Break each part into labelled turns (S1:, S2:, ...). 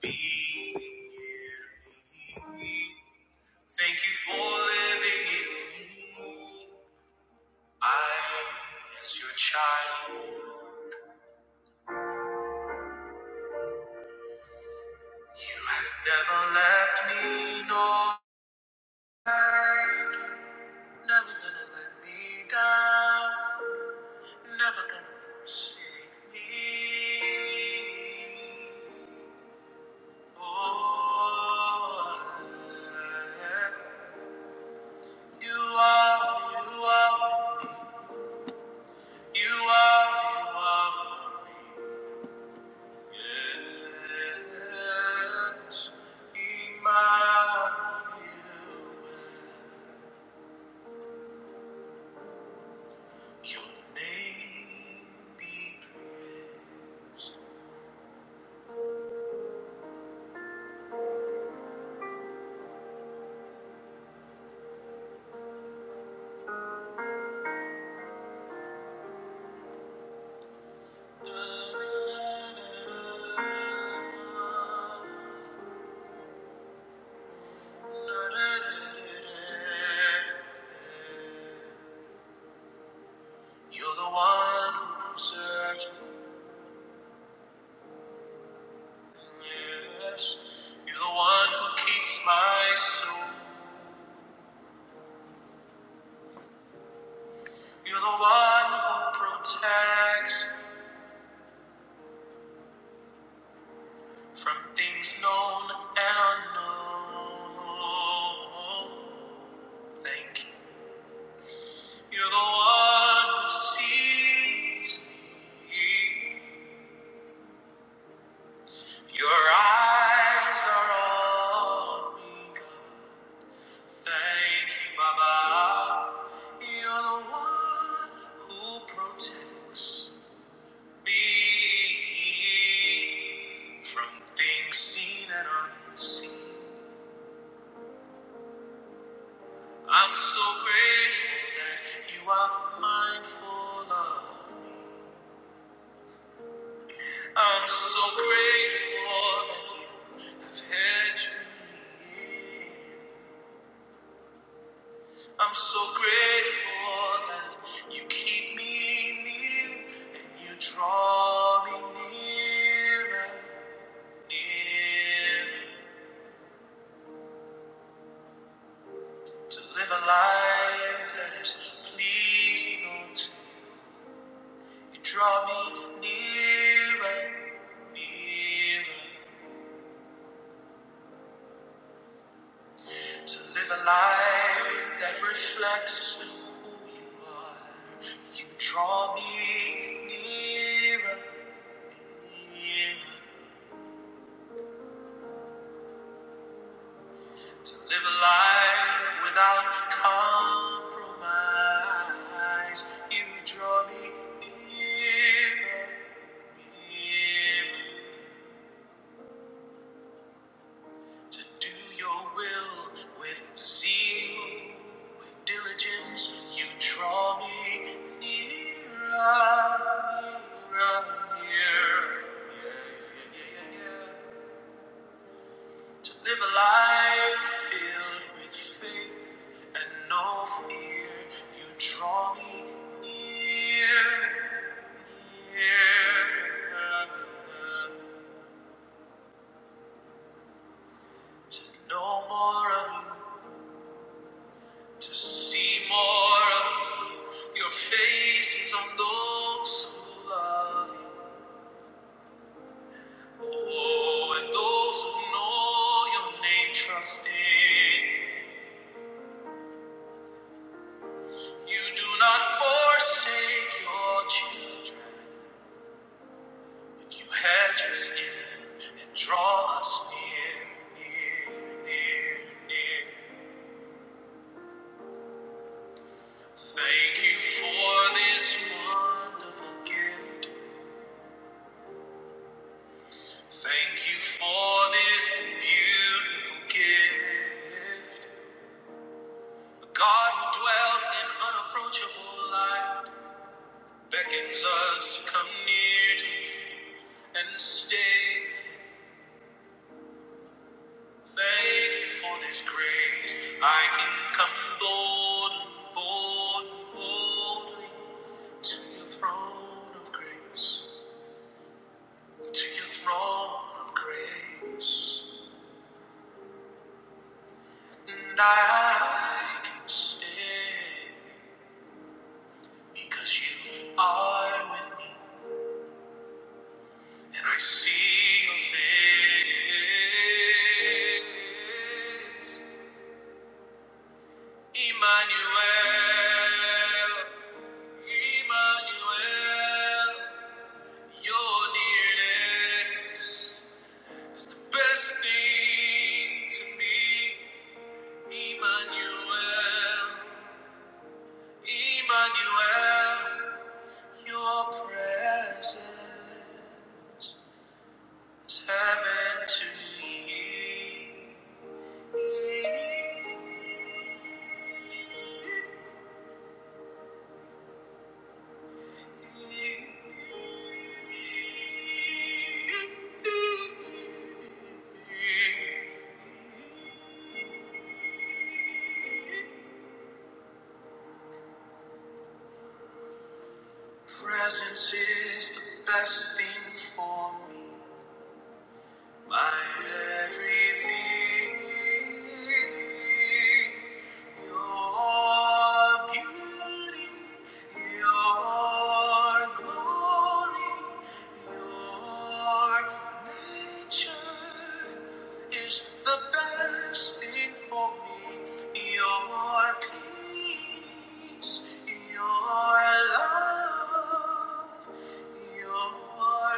S1: Be near me. Thank you for living in me. I, as your child, never left me, nor never gonna let me down, never gonna forsake me. Oh, you are, you are. with me. You are, you are for me. Yes, Emmanuel. Your name be praised. Da, da, da, da. Da, da, da, da, da. You're the one who preserves me. Yes, you're the one who keeps my soul. You're the one who protects from things known and unknown. Thank you. You're the one who sees me. Your eyes are on me, God. Thank you, Baba. You're the one who protects. me from things seen and unseen. I'm so grateful that you are mindful of me. I'm so grateful that you have hedged me in. I'm so grateful that you keep me near and you draw me nearer, nearer. To live a life that is pleasing unto you. You draw me nearer, nearer. To live a life that reflects who you are. You draw me nearer, nearer. To live a life without compromise. You draw me nearer, nearer. to do your will with zeal, with diligence, you draw me nearer, nearer, nearer. Yeah, yeah, yeah, yeah, yeah. To live a life filled with faith and no fear, you draw me near, near. To know more of you to see more of you, your faces on those who love you. Oh, and those who know your name trust in you. You do not forsake your children, but you hedge us in and draw us near, near, near, near. Thank you for this wonderful gift. Thank you for this beautiful gift. A God who dwells in unapproachable light beckons us to come near to Him and stay with Him. Thank you for this grace. I can come boldly, boldly, boldly to your throne of grace, to your throne of grace. And I can say, Because you are with me, and I see your face. Emmanuel, Emmanuel, your nearness is the best thing to me. Emmanuel, Emmanuel, your presence. It's happened to me. Presence is the best thing for me. My everything, your beauty, your glory, your nature is the best thing for me. Your peace, your love, your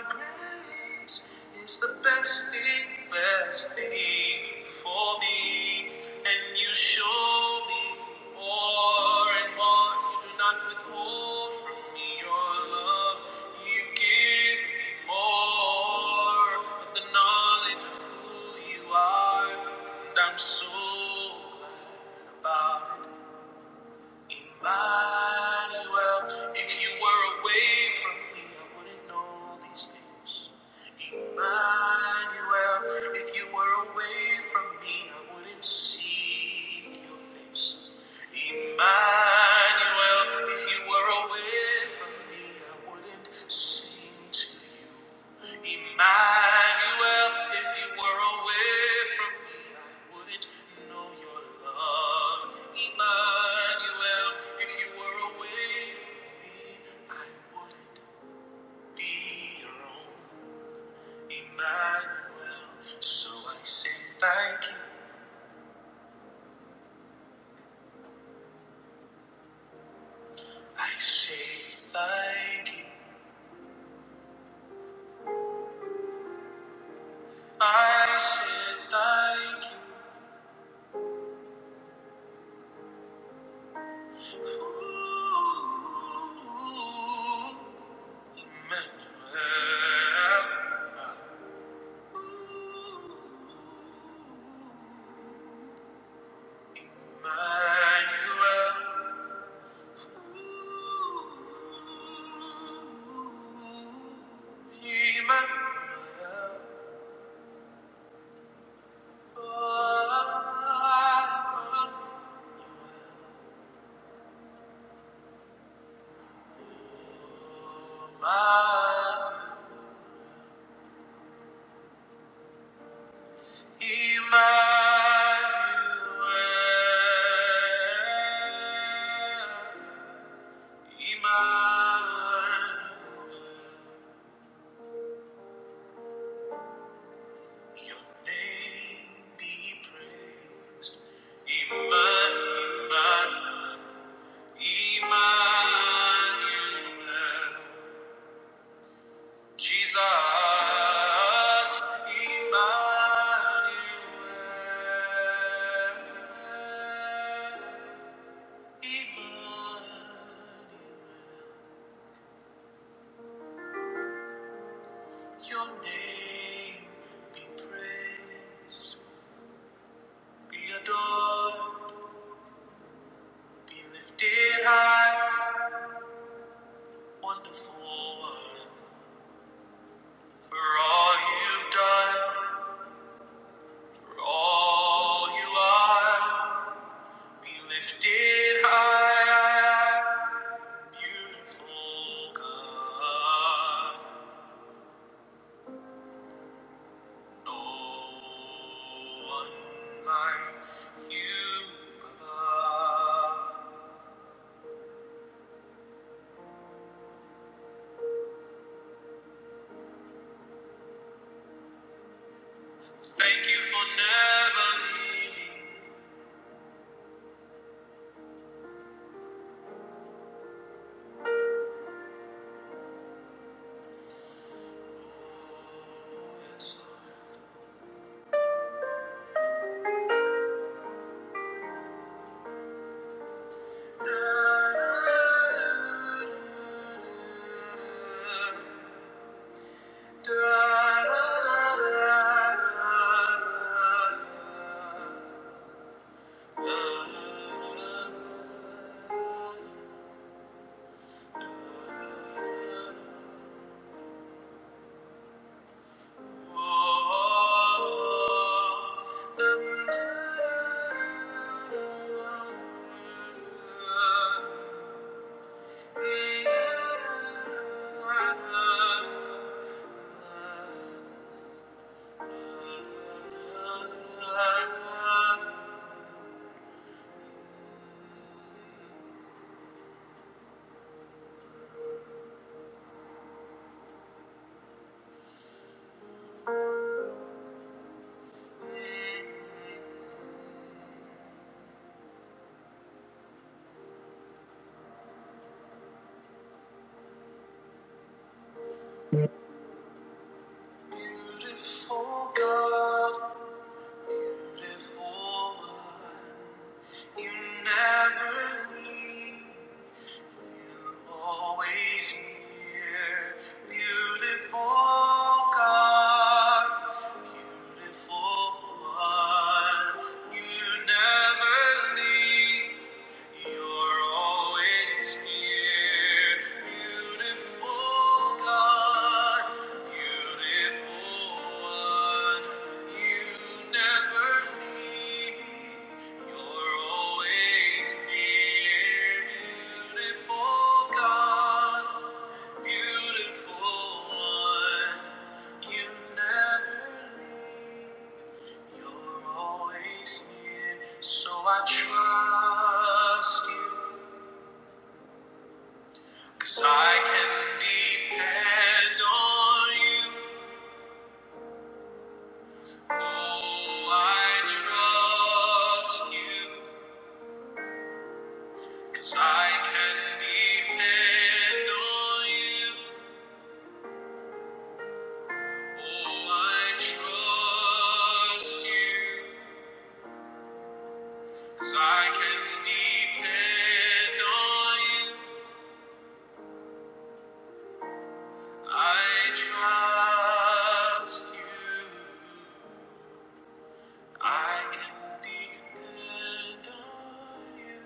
S1: grace is the best thing, best thing for me. And you show me more and more. You do not withhold from me your love. You give me more of the knowledge of who you are. And I'm so glad about it. Emmanuel, if you were away from me, I wouldn't know these things. Emmanuel, if you were away from me, I wouldn't seek your face. Emmanuel, if you were away from me, I wouldn't sing to you. Emmanuel, if you were away from me, I wouldn't know your love. Emmanuel, if you were away from me, I wouldn't be your own. Emmanuel, so I say thank you. I say thank you. I say thank you. Ooh, Emmanuel. Emmanuel, Emmanuel, Emmanuel. Emmanuel, your name be praised. Emmanuel, Emmanuel, Jesus, Emmanuel, Emmanuel, your name be praised. Be adored, be lifted high, wonderful one. For all you've done, for all you are, be lifted high, beautiful God. No one like you above. Thank you for never leaving. Oh, yes. Oh Beautiful God, beautiful one. You never leave, you always near. Beautiful God, beautiful one. You never leave. You're always here, beautiful God, beautiful one. You never leave. You're always near, beautiful God, beautiful one. You never leave. You're always near, so I trust you. 'Cause I can depend on you. Oh, I trust you. 'Cause I can depend on you. Oh, I trust you. 'Cause I can depend on you. I trust you. I can depend on you.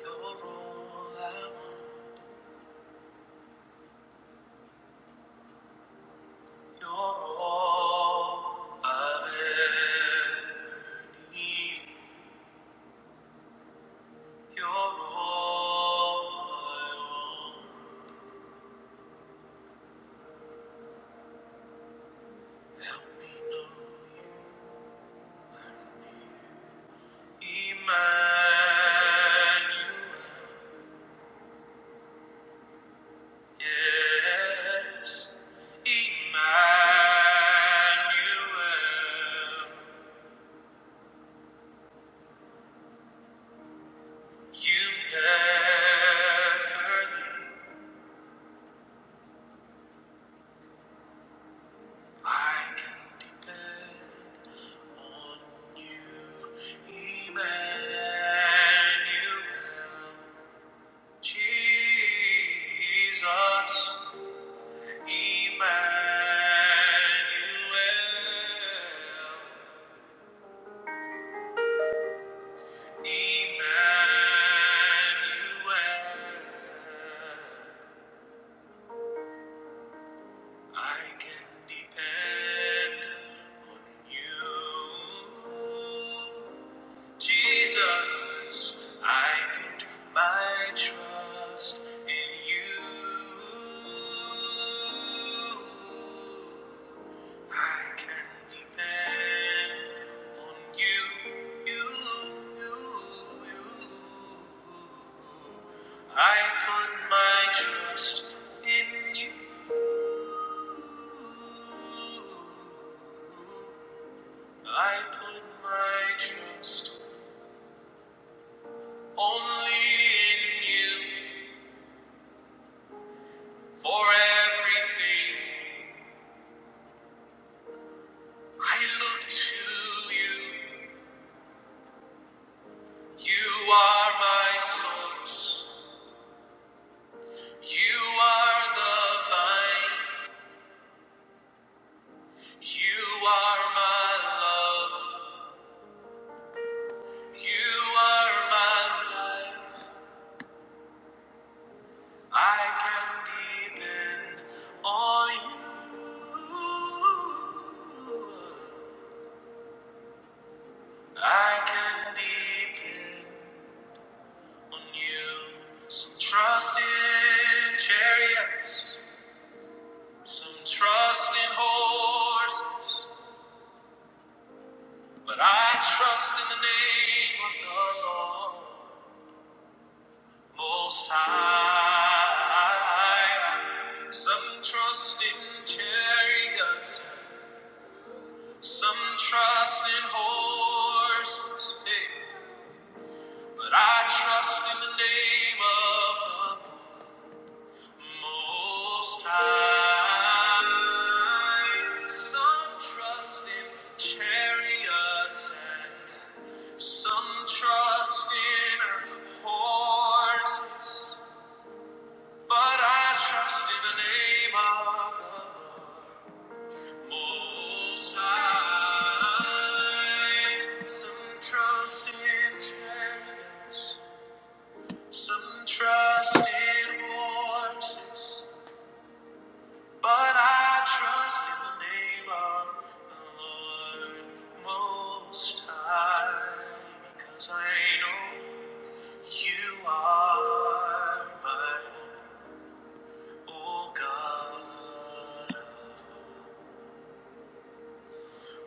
S1: You're all I want. You're all I've ever needed. You're all I want. Help me know you, Emmanuel. Yes. Emmanuel, you never leave. I can depend on you. Emmanuel, Jesus, Emmanuel, Emmanuel. I can depend on you. Jesus, I put my trust in you. I can depend on you. you, you, you. I put my trust in you. I put my trust only in you for everything I look to you. You are my source. You are the vine. You are my love. You are my life. I can depend on you. I can depend on you. Some trust in chariots, some trust in horses, but I trust in the name of the Lord Most High. Some trust in chariots, some trust in horses, eh, but I trust in the name of the Lord. Most high, some trust in chariots and some trust in horses, but I trust in the name of the Lord. Most high, some trust in chariots, some trust in horses. But I trust in the name of the Lord Most High, because I know you are my hope, O God. of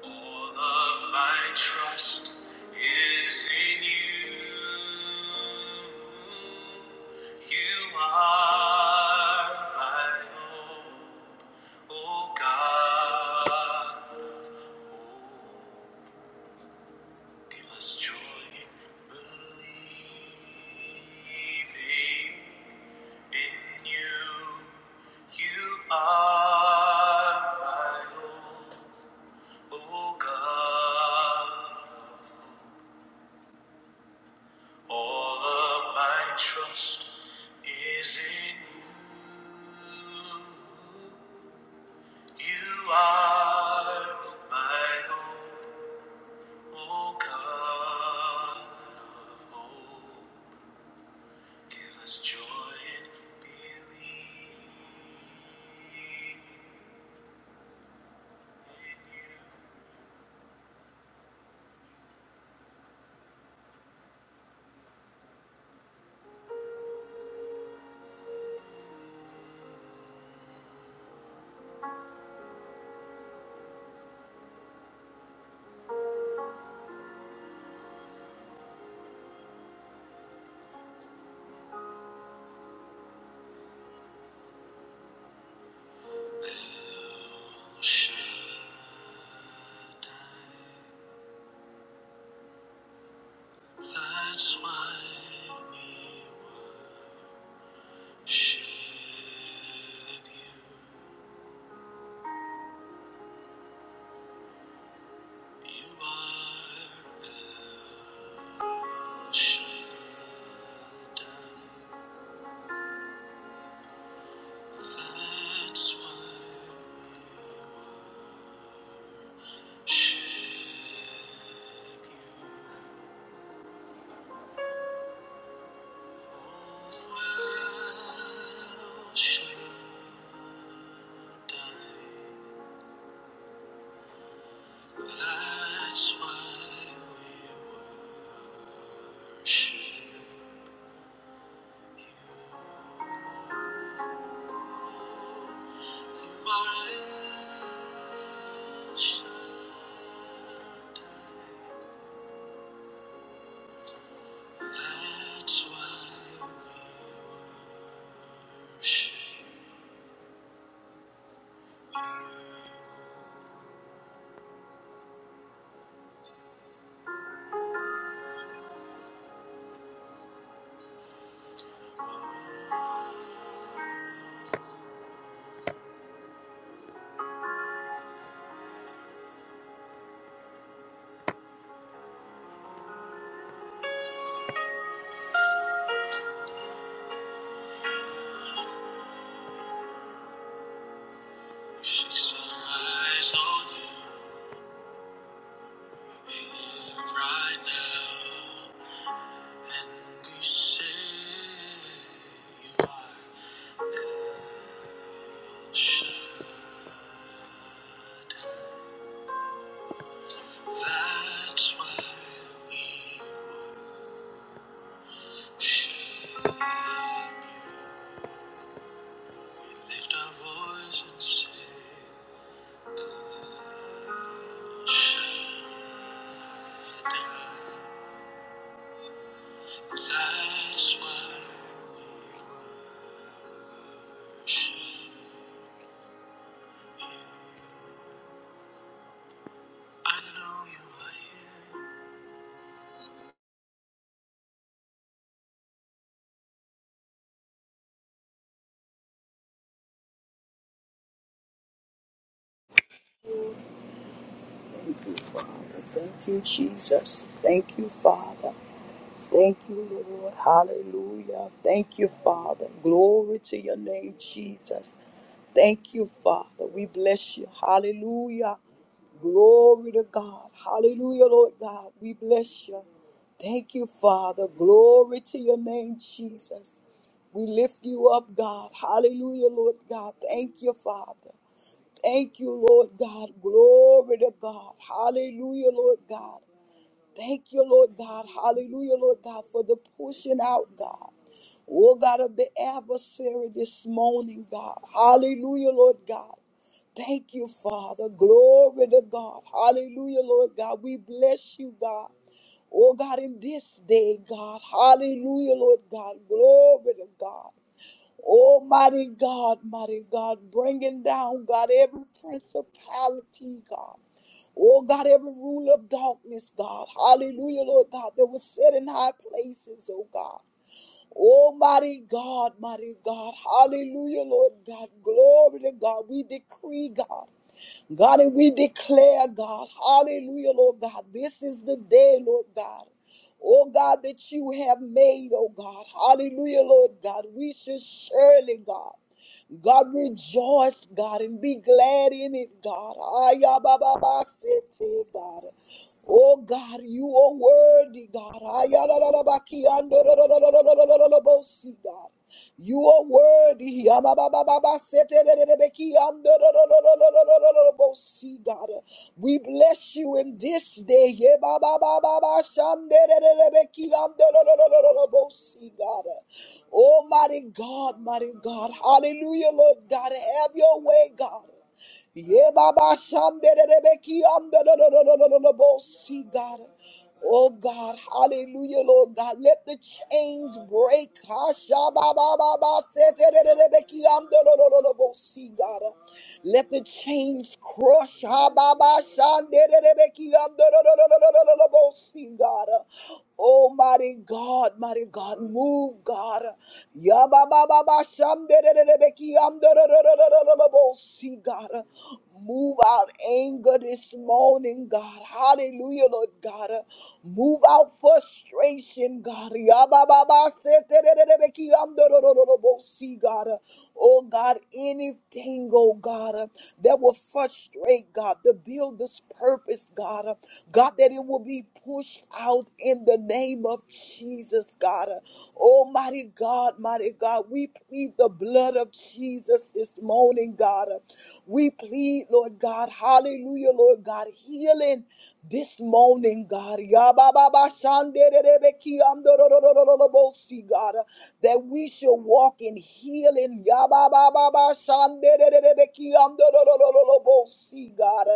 S1: All of my trust is in you. You are my hope, O God of hope. Give us joy in believing in you. You are my hope. O God, all of my trust is in you. You are my hope, O God of hope. Give us joy and belief in you. El Shaddai. That's why we worship you. You are El Shaddai. That's why we worship you. Oh, El Shaddai. That's why we worship you. That's why we fix our eyes on you right now, and we say you are Shaddai. That's why we worship you. Lift our voice and say.
S2: Thank you, Father. Thank you, Jesus. Thank you, Father. Thank you, Lord. Hallelujah. Thank you, Father. Glory to your name, Jesus. Thank you, Father. We bless you. Hallelujah. Glory to God. Hallelujah, Lord God. We bless you. Thank you, Father. Glory to your name, Jesus. We lift you up, God. Hallelujah, Lord God. Thank you, Father. Thank you, Lord God. Glory to God. Hallelujah, Lord God. Thank you, Lord God. Hallelujah, Lord God, for the pushing out, God. Oh, God of the adversary this morning, God. Hallelujah, Lord God. Thank you, Father. Glory to God. Hallelujah, Lord God. We bless you, God. Oh, God, in this day, God. Hallelujah, Lord God. Glory to God. Oh, mighty God, mighty God, bringing down, God, every principality, God. Oh, God, every rule of darkness, God. Hallelujah, Lord God, that was set in high places, oh God. Oh, mighty God, mighty God. Hallelujah, Lord God. Glory to God. We decree, God. God, and we declare, God, hallelujah, Lord God, this is the day, Lord God. Oh God, that you have made, oh God, hallelujah, Lord God. We should surely, God, God, rejoice, God, and be glad in it, God. Ayabababasete, God. Oh God, you are worthy, God. Ayarararabakiandorororororororobosi, God. You are worthy. Yamababababaseterererebekiandororororororobosi, God. We bless you in this day. Yebabababashanderererebekiandorororororobosi, God. Almighty God, mighty God. Hallelujah, Lord God. Have your way, God. Ye baba shanderebeki andorororororobosi, God. Oh God, hallelujah, Lord God. Let the chains break. Hashabababa seterebeki andororororobosi, God. Let the chains crush. Hababa shanderebeki andorororororobosi, God. Almighty God, mighty God, move, God. Yabababa see, God. Uh, Move out anger this morning, God. Hallelujah, Lord God. Uh, Move out frustration, God. Yabababa, setererebeki, amdorororobo, See, God. Uh, Oh, God, anything, oh, God, uh, that will frustrate, God, the builder's purpose, God. Uh, God, that it will be pushed out in the name of Jesus, God. Uh, Almighty God, mighty God, we plead the blood of Jesus this morning morning, God. We plead, Lord God, hallelujah, Lord God, healing this morning, God. Yabababa shandererebeki amdororororobosi, God, that we shall walk in healing. Yabababa shandererebeki amdororororobosi, God.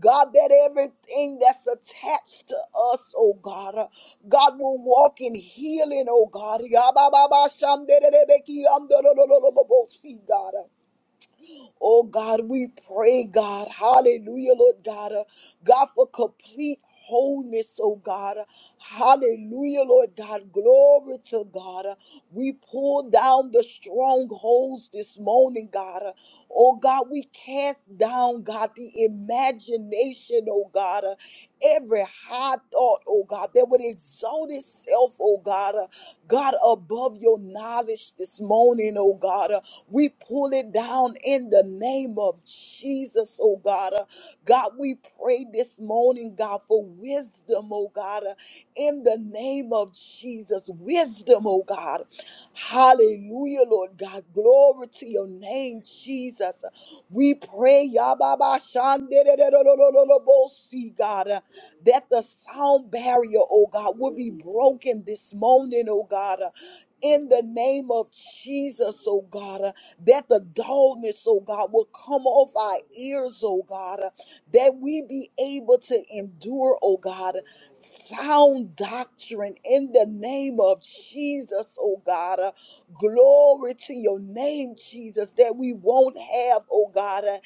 S2: God, that everything that's attached to us, oh God, uh, God will walk in healing, oh God. Yabababa shandererebeki amdororororobosi, God. Oh God, we pray, God. Hallelujah, Lord God. Uh, God, for complete wholeness, oh God. Hallelujah, Lord God. Glory to God. We pull down the strongholds this morning, God. Oh God, we cast down, God, the imagination, oh God every high thought, oh God, that would exalt itself, oh God, uh, God, above your knowledge this morning, oh God. uh, we pull it down in the name of Jesus, oh God. uh, God, we pray this morning, God, for wisdom, oh God, uh, in the name of Jesus. Wisdom, oh God. Hallelujah, Lord God. Glory to your name, Jesus. We pray, Yababa Shanderererererererebosi, God, uh, that the sound barrier, oh God, will be broken this morning, oh God. uh, In the name of Jesus, oh God, uh, that the dullness, oh God, will come off our ears, oh God, uh, that we be able to endure, oh God, sound doctrine in the name of Jesus, oh God. Glory to your name, Jesus, that we won't have, oh God, uh,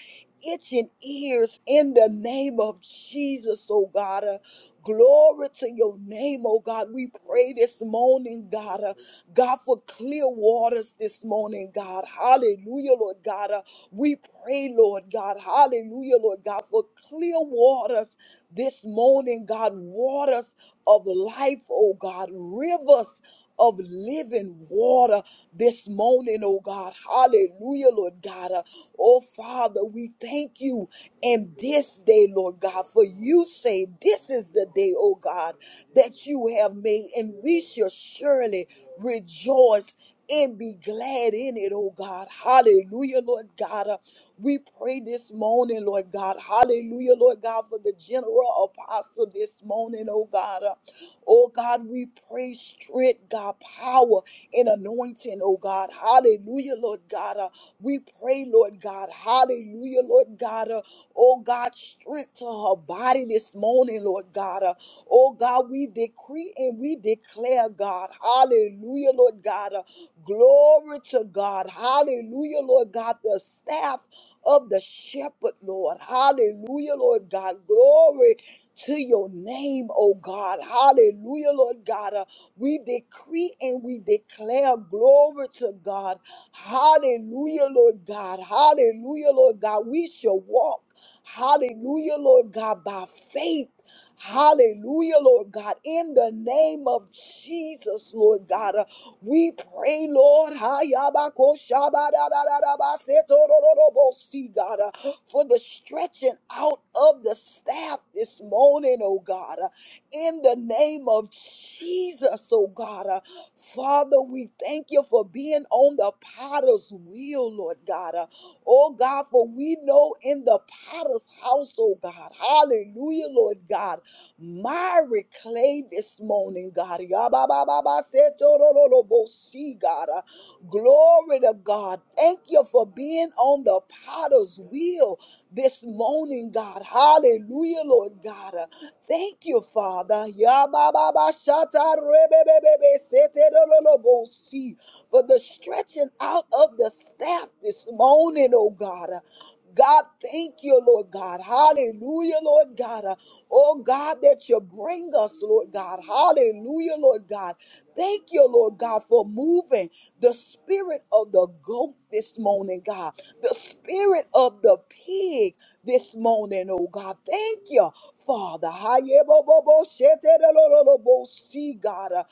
S2: itching ears in the name of Jesus, oh God. uh, Glory to your name, oh God. We pray this morning, God. uh, God, for clear waters this morning, God. Hallelujah, Lord God. uh, we pray, Lord God, hallelujah, Lord God, for clear waters this morning, God, waters of life, oh God, rivers of living water this morning, oh God, hallelujah, Lord God. Uh, Oh Father, we thank you in this day, Lord God, for you say this is the day, oh God, that you have made, and we shall surely rejoice and be glad in it, oh God. Hallelujah, Lord God. Uh, we pray this morning, Lord God. Hallelujah, Lord God, for the general apostle this morning, oh God. Uh, Oh God, we pray strength, God, power and anointing, oh God. Hallelujah, Lord God. Uh, we pray, Lord God. Hallelujah, Lord God. Uh, oh God, strength to her body this morning, Lord God. Uh, oh God, we decree and we declare, God. Hallelujah, Lord God. Uh, glory to God. Hallelujah, Lord God. The staff of the shepherd, Lord. Hallelujah, Lord God. Glory to your name, oh God. Hallelujah, Lord God. Uh, we decree and we declare glory to God. Hallelujah, Lord God. Hallelujah, Lord God. We shall walk. Hallelujah, Lord God, by faith. Hallelujah, Lord God. In the name of Jesus, Lord God, uh, we pray, Lord, Hayabakoshabadadadabasetorororobosi, God, uh, for the stretching out of the staff this morning, oh God. uh, In the name of Jesus, oh God. uh, Father, we thank you for being on the potter's wheel, Lord God. Uh, Oh God, for we know in the potter's house, oh God. Hallelujah, Lord God. Myra clay this morning, God. Yabababa, God. Uh, Glory to God. Thank you for being on the potter's wheel this morning, God. Hallelujah, Lord God. Uh, Thank you, Father. Yabababashatarabababasetorolobosi, Sharebebebebe-seterololobosi. For the stretching out of the staff this morning, oh God. God, thank you, Lord God. Hallelujah, Lord God. Uh, Oh God, that you bring us, Lord God. Hallelujah, Lord God. Thank you, Lord God, for moving the spirit of the goat this morning, God. The spirit of the pig this morning, oh God. Thank you, Father. See, God. Uh,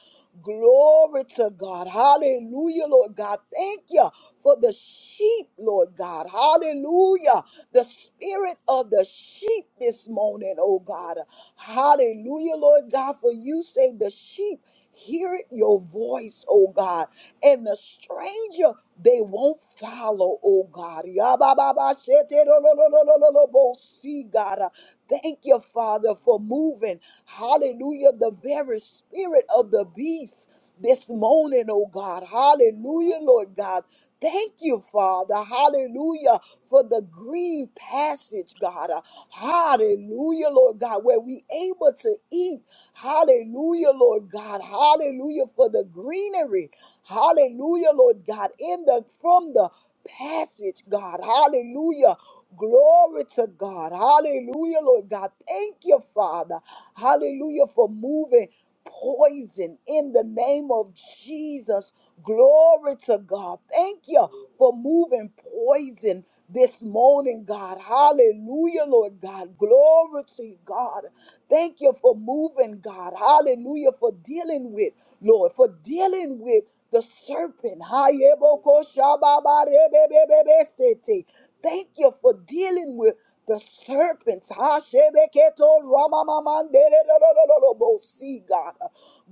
S2: Glory to God. Hallelujah, Lord God. Thank you for the sheep, Lord God. Hallelujah. The spirit of the sheep this morning, oh God. Hallelujah, Lord God. For you say the sheep. Hear your voice, oh God. And the stranger, they won't follow, oh God. Yabababashetelolololololobo. See, God. uh, Thank you, Father, for moving. Hallelujah. The very spirit of the beast this morning, oh God. Hallelujah, Lord God. Thank you, Father. Hallelujah for the green passage, God. Uh, Hallelujah, Lord God, where we able to eat. Hallelujah, Lord God. Hallelujah for the greenery. Hallelujah, Lord God. In the from the passage, God. Hallelujah. Glory to God. Hallelujah, Lord God. Thank you, Father. Hallelujah for moving poison in the name of Jesus. Glory to God. Thank you for moving poison this morning, God. Hallelujah, Lord God. Glory to you, God. Thank you for moving, God. Hallelujah, for dealing with, Lord, for dealing with the serpent. Hayebokoshababarebebebebesete. Thank you for dealing with the serpents. Hashebeketo ramamamandererorororobo. See, God.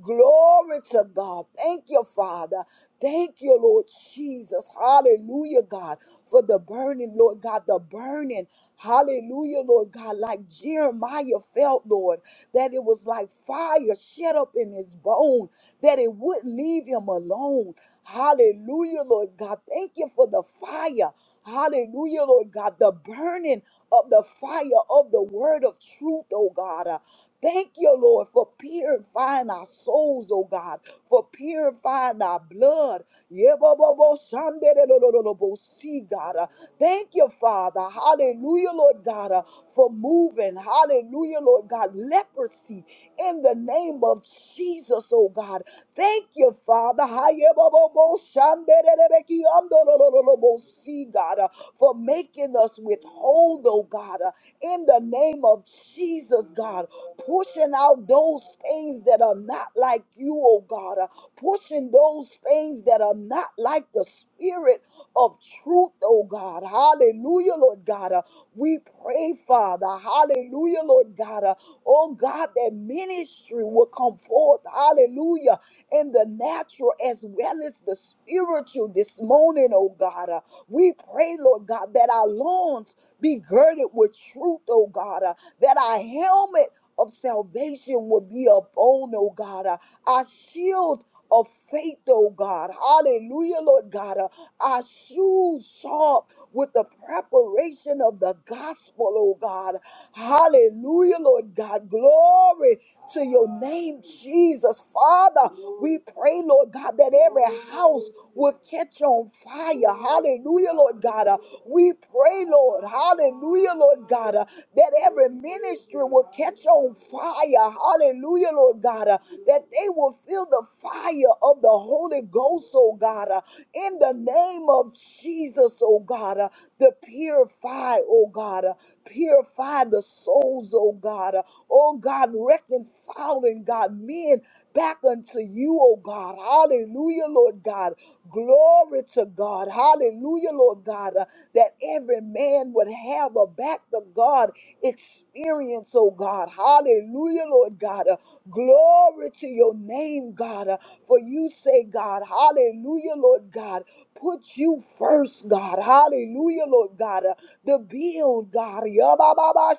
S2: Glory to God. Thank you, Father. Thank you, Lord Jesus. Hallelujah, God, for the burning, Lord God, the burning. Hallelujah, Lord God, like Jeremiah felt, Lord, that it was like fire shut up in his bone, that it wouldn't leave him alone. Hallelujah, Lord God. Thank you for the fire. Hallelujah, Lord God, the burning of the fire of the word of truth, oh God. Uh, Thank you, Lord, for purifying our souls, oh God, for purifying our blood. Yebobobo shanderelololobo, See, God. Uh, Thank you, Father. Hallelujah, Lord God, uh, for moving. Hallelujah, Lord God. Leprosy in the name of Jesus, oh God. Thank you, Father. Hayebobobo shandererebeki amdolololobo, See, God. Uh, uh, for making us withhold, oh God, uh, in the name of Jesus, God, pushing out those things that are not like you, oh God, uh, pushing those things that are not like the spirit of truth, oh God. Hallelujah, Lord God. Uh, we pray, Father. Hallelujah, Lord God. Uh, oh God, that ministry will come forth. Hallelujah. In the natural as well as the spiritual this morning, oh God. Uh, we pray, Lord God, that our lawns be girded with truth, oh God, uh, that our helmet of salvation will be upon, oh God, uh, our shield of faith, oh God. Hallelujah, Lord God. uh, our shoes sharp with the preparation of the gospel, oh God. Hallelujah, Lord God. Glory to your name, Jesus. Father, we pray, Lord God, that every house will catch on fire. Hallelujah, Lord God. Uh, We pray, Lord. Hallelujah, Lord God, uh, that every ministry will catch on fire. Hallelujah hallelujah, Lord God, uh, that they will feel the fire of the Holy Ghost, oh God, uh, in the name of Jesus, oh God, uh, to purify, oh God, uh, purify the souls, oh God, uh, oh God, reconciling, God, men back unto you, oh God, hallelujah, Lord God, glory to God, hallelujah. Hallelujah, Lord God, uh, that every man would have a back to God experience, oh God. Hallelujah, Lord God. Uh, Glory to your name, God. Uh, For you say, God, hallelujah, Lord God, put you first, God. Hallelujah, Lord God. Uh, The build, God. Yabababa,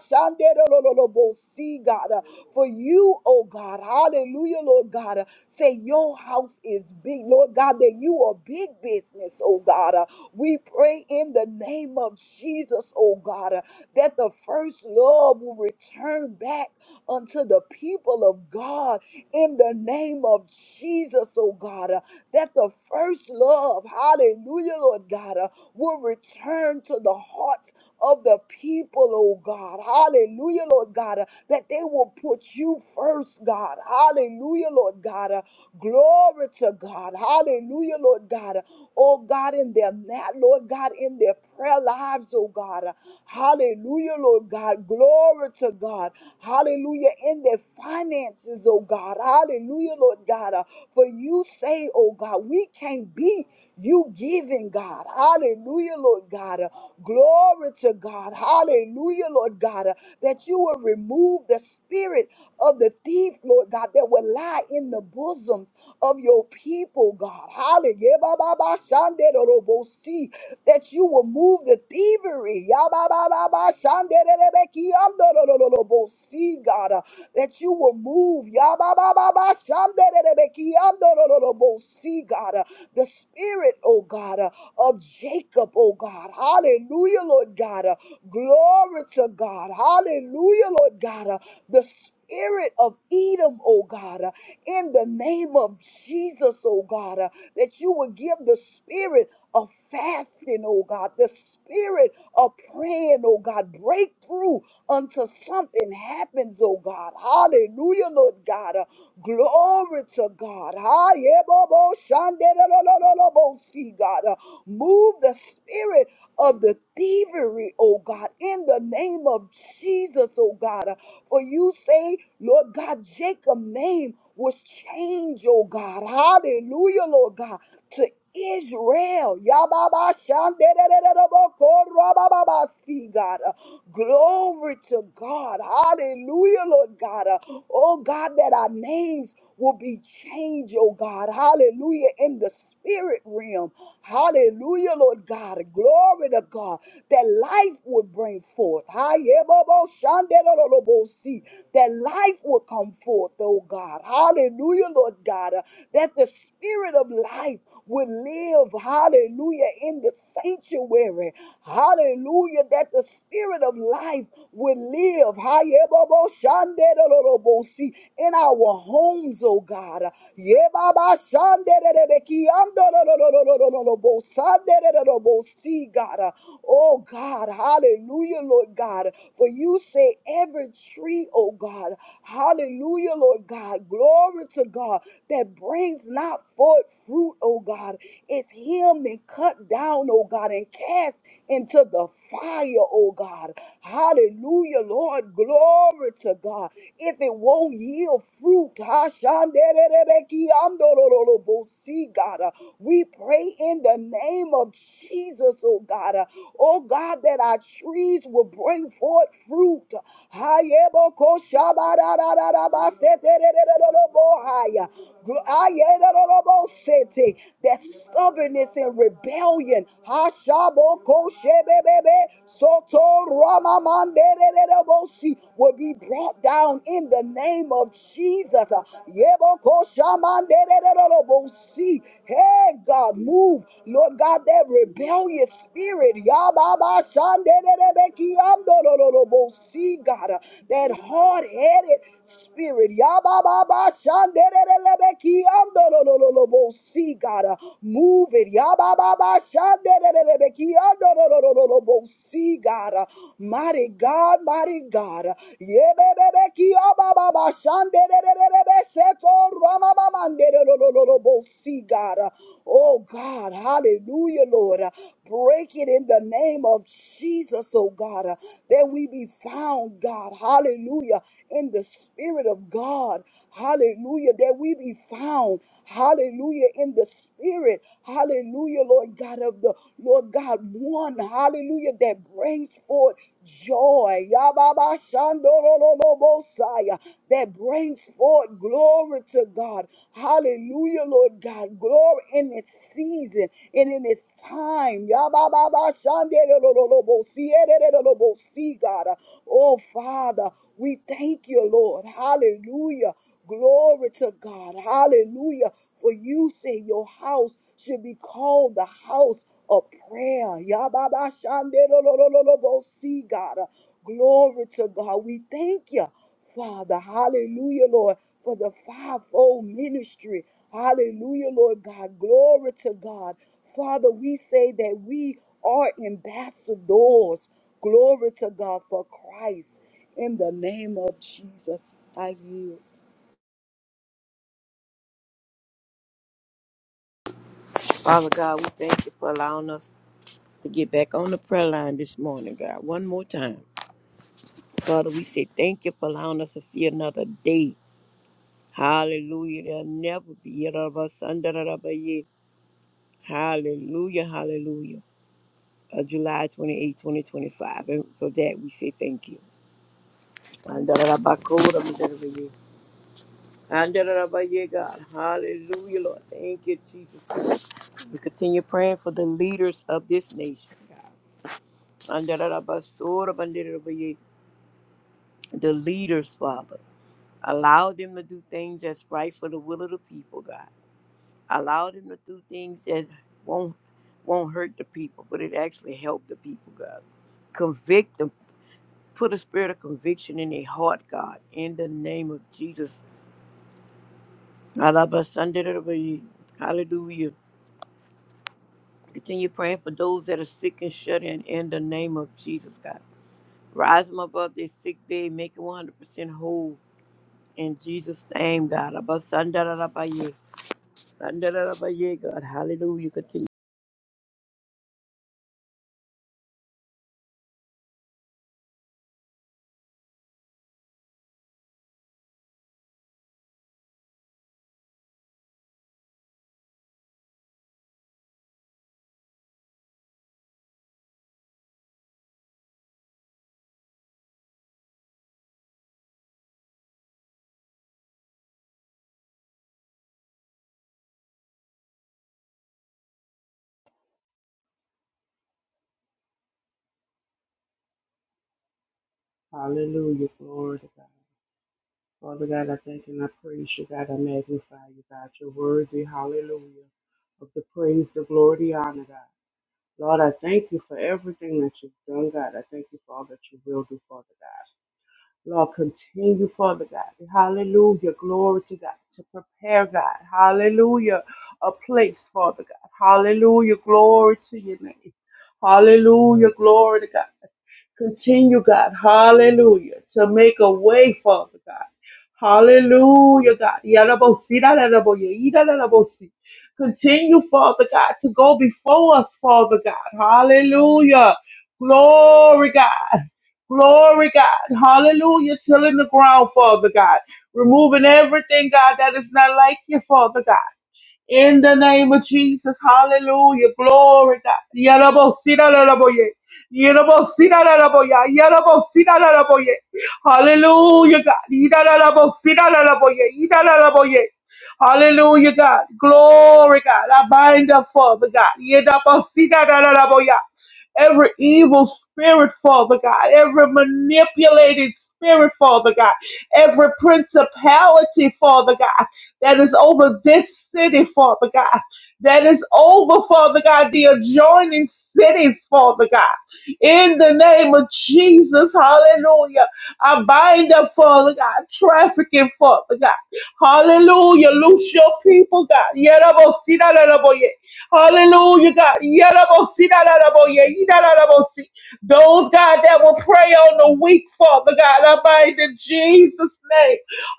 S2: See, God. Uh, For you, oh God. Hallelujah, Lord God. Uh, Say your house is big, Lord God, that you are big business, oh God. uh, we pray in the name of Jesus, oh God, uh, that the first love will return back unto the people of God in the name of Jesus, oh God, uh, that the first love, hallelujah, Lord God, uh, will return to the hearts of the people, oh God. Hallelujah, Lord God, uh, that they will put you first, God. Hallelujah, Lord God. uh, Glory to God. Hallelujah, Lord God. uh, Oh God, in their mat, Lord God, in their prayer lives, oh God. uh, Hallelujah, Lord God. Glory to God. Hallelujah, in their finances, oh God. Hallelujah, Lord God. uh, For you say, oh God, we can't be. You giving, God. Hallelujah, Lord God. Uh, Glory to God. Hallelujah, Lord God. Uh, That you will remove the spirit of the thief, Lord God, that will lie in the bosoms of your people, God. Hallelujah. yeah, Ba, ba, ba, shande, do, do, bo, see. That you will move the thievery. Ya, ba ba ba ba, shande, See, God, uh, that you will move. See, God, uh, the spirit, oh God, uh, of Jacob, oh God. Hallelujah, Lord God. uh, Glory to God. Hallelujah, Lord God. uh, The spirit of Edom, oh God, uh, in the name of Jesus, oh God, uh, that you would give the spirit of fasting, oh God, the spirit of praying, oh God, breakthrough until something happens, oh God. Hallelujah, Lord God. Uh, glory to God. Ha, yeah, bo, bo, shande, da, da, da, da, da, bo, see, God. Uh, move the spirit of the thievery, oh God, in the name of Jesus, oh God. For you say, Lord God, Jacob's name was changed, oh God. Hallelujah, Lord God to Israel. Yababa shanderereroboko rabababa. See, God. Uh, Glory to God. Hallelujah, Lord God. Uh, Oh God, that our names will be changed, oh God. Hallelujah. In the spirit realm. Hallelujah, Lord God. Glory to God. That life will bring forth. Hayebobo shandererorobo. See, That life will come forth, oh God. Hallelujah, Lord God. Uh, That the spirit of life would live, hallelujah, in the sanctuary. Hallelujah, that the spirit of life would live, hayeboboshandedorobosi, in our homes, oh God. Yebabashanderebekiandororororororobosanderorobosi, God. Oh God, hallelujah, Lord God. For you say every tree, oh God, hallelujah, Lord God, glory to God, that that brings not forth fruit, oh God, is him and cut down, oh God, and cast into the fire, oh God. Hallelujah, Lord. Glory to God. If it won't yield fruit, see God. uh, We pray in the name of Jesus, oh God. uh, Oh God, that our trees will bring forth fruit. Haya. That stubbornness and rebellion. Hashabokoshebebebe, sotoramamandederebosi, Will be brought down in the name of Jesus. Yebokoshamandederebosi. Hey God, move. Lord God, that rebellious spirit. Yababashandederebekiamdorolobosi, God, ah, that hard-headed spirit. See, God, uh, move it. See, God, uh, mighty God, mighty God. See, God. uh, Oh, God. Hallelujah, Lord. uh, Break it in the name of Jesus, oh God, uh, that we be found, God, hallelujah, in the Spirit of God, hallelujah, that we be found, hallelujah, in the Spirit, hallelujah, Lord God of the Lord God, one, hallelujah, that brings forth joy Yababa shandorololobosaya, that brings forth glory to God. Hallelujah, Lord God. Glory in this season and in this time. Yababa shandorololobosi, ererololobosi, God. Oh, Father, we thank you, Lord. Hallelujah. Glory to God. Hallelujah. For you say your house should be called the house of prayer. Yababa shande lo lo lo lo lo bo see, God. Uh, Glory to God. We thank you, Father. Hallelujah, Lord, for the fivefold ministry. Hallelujah, Lord God. Glory to God. Father, we say that we are ambassadors. Glory to God for Christ in the name of Jesus. I yield.
S3: Father God, we thank you for allowing us to get back on the prayer line this morning, God. One more time. Father, we say thank you for allowing us to see another day. Hallelujah. There'll never be another of us under Hallelujah, hallelujah. Uh, July twenty eighth, 2025. And for that, we say thank you. Under the rubber God. Hallelujah, Lord. Thank you, Jesus. We continue praying for the leaders of this nation, God. Under the the leaders, Father. Allow them to do things that's right for the will of the people, God. Allow them to do things that won't won't hurt the people, but it actually help the people, God. Convict them. Put a spirit of conviction in their heart, God. In the name of Jesus. Alabasandarabayi. Hallelujah. Continue praying for those that are sick and shut in. In the name of Jesus, God. Rise them above their sick bed. Make them 100% whole. In Jesus' name, God. Abasandarabayi. ba da da da God. Hallelujah. Continue.
S4: Hallelujah. Glory to God. Father God, I thank and I praise you, God. I magnify you, God. You're worthy, hallelujah, of the praise, the glory, the honor, God. Lord, I thank you for everything that you've done, God. I thank you for all that you will do, Father God. Lord, continue, Father God. Hallelujah. Glory to God. To prepare, God. Hallelujah. A place, Father God. Hallelujah. Glory to your name. Hallelujah. Glory to God. Continue, God. Hallelujah. To make a way, Father God. Hallelujah, God. Yadabosi, dadadaboye, idadadabosi. Continue, Father God, to go before us, Father God. Hallelujah. Glory, God. Glory, God. Hallelujah. Tilling the ground, Father God. Removing everything, God, that is not like you, Father God. In the name of Jesus, hallelujah, glory God. Yarabosira laraboye. Yarabosira laraboya. Yarabosira laraboye. Hallelujah, God. Idarabosira laraboye. Idarabosira Hallelujah, God. Glory, God. I bind up, Father God. Yedabosira laraboya every evil spirit, Father God, every manipulating spirit, Father God, every principality, Father God, that is over this city, Father God, that is over, Father God, the adjoining cities, Father God. In the name of Jesus, hallelujah. I bind up, Father God, trafficking, Father God. Hallelujah. Loose your people, God. Hallelujah, God. Yalabosi, dalalaboye, yidalalabosi. Those, God, that will pray on the weak, Father God, I bind in Jesus' name.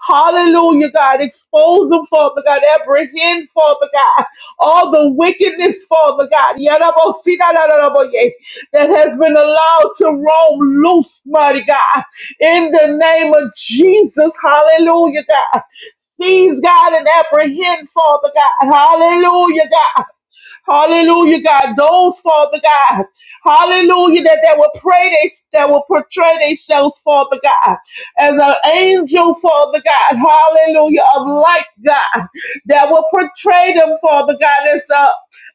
S4: Hallelujah, God. Expose them, Father God. Apprehend, Father God. All the wickedness, Father God. Yalabosi, dalalaboye, That has been allowed to roam loose, mighty God. In the name of Jesus, hallelujah, God. Seize God and apprehend, Father God. Hallelujah, God Hallelujah, God. Those, Father God. Hallelujah, that they will pray, they, that will portray themselves, Father God, as an angel, Father God. Hallelujah, of light, God. That will portray them, Father God, as a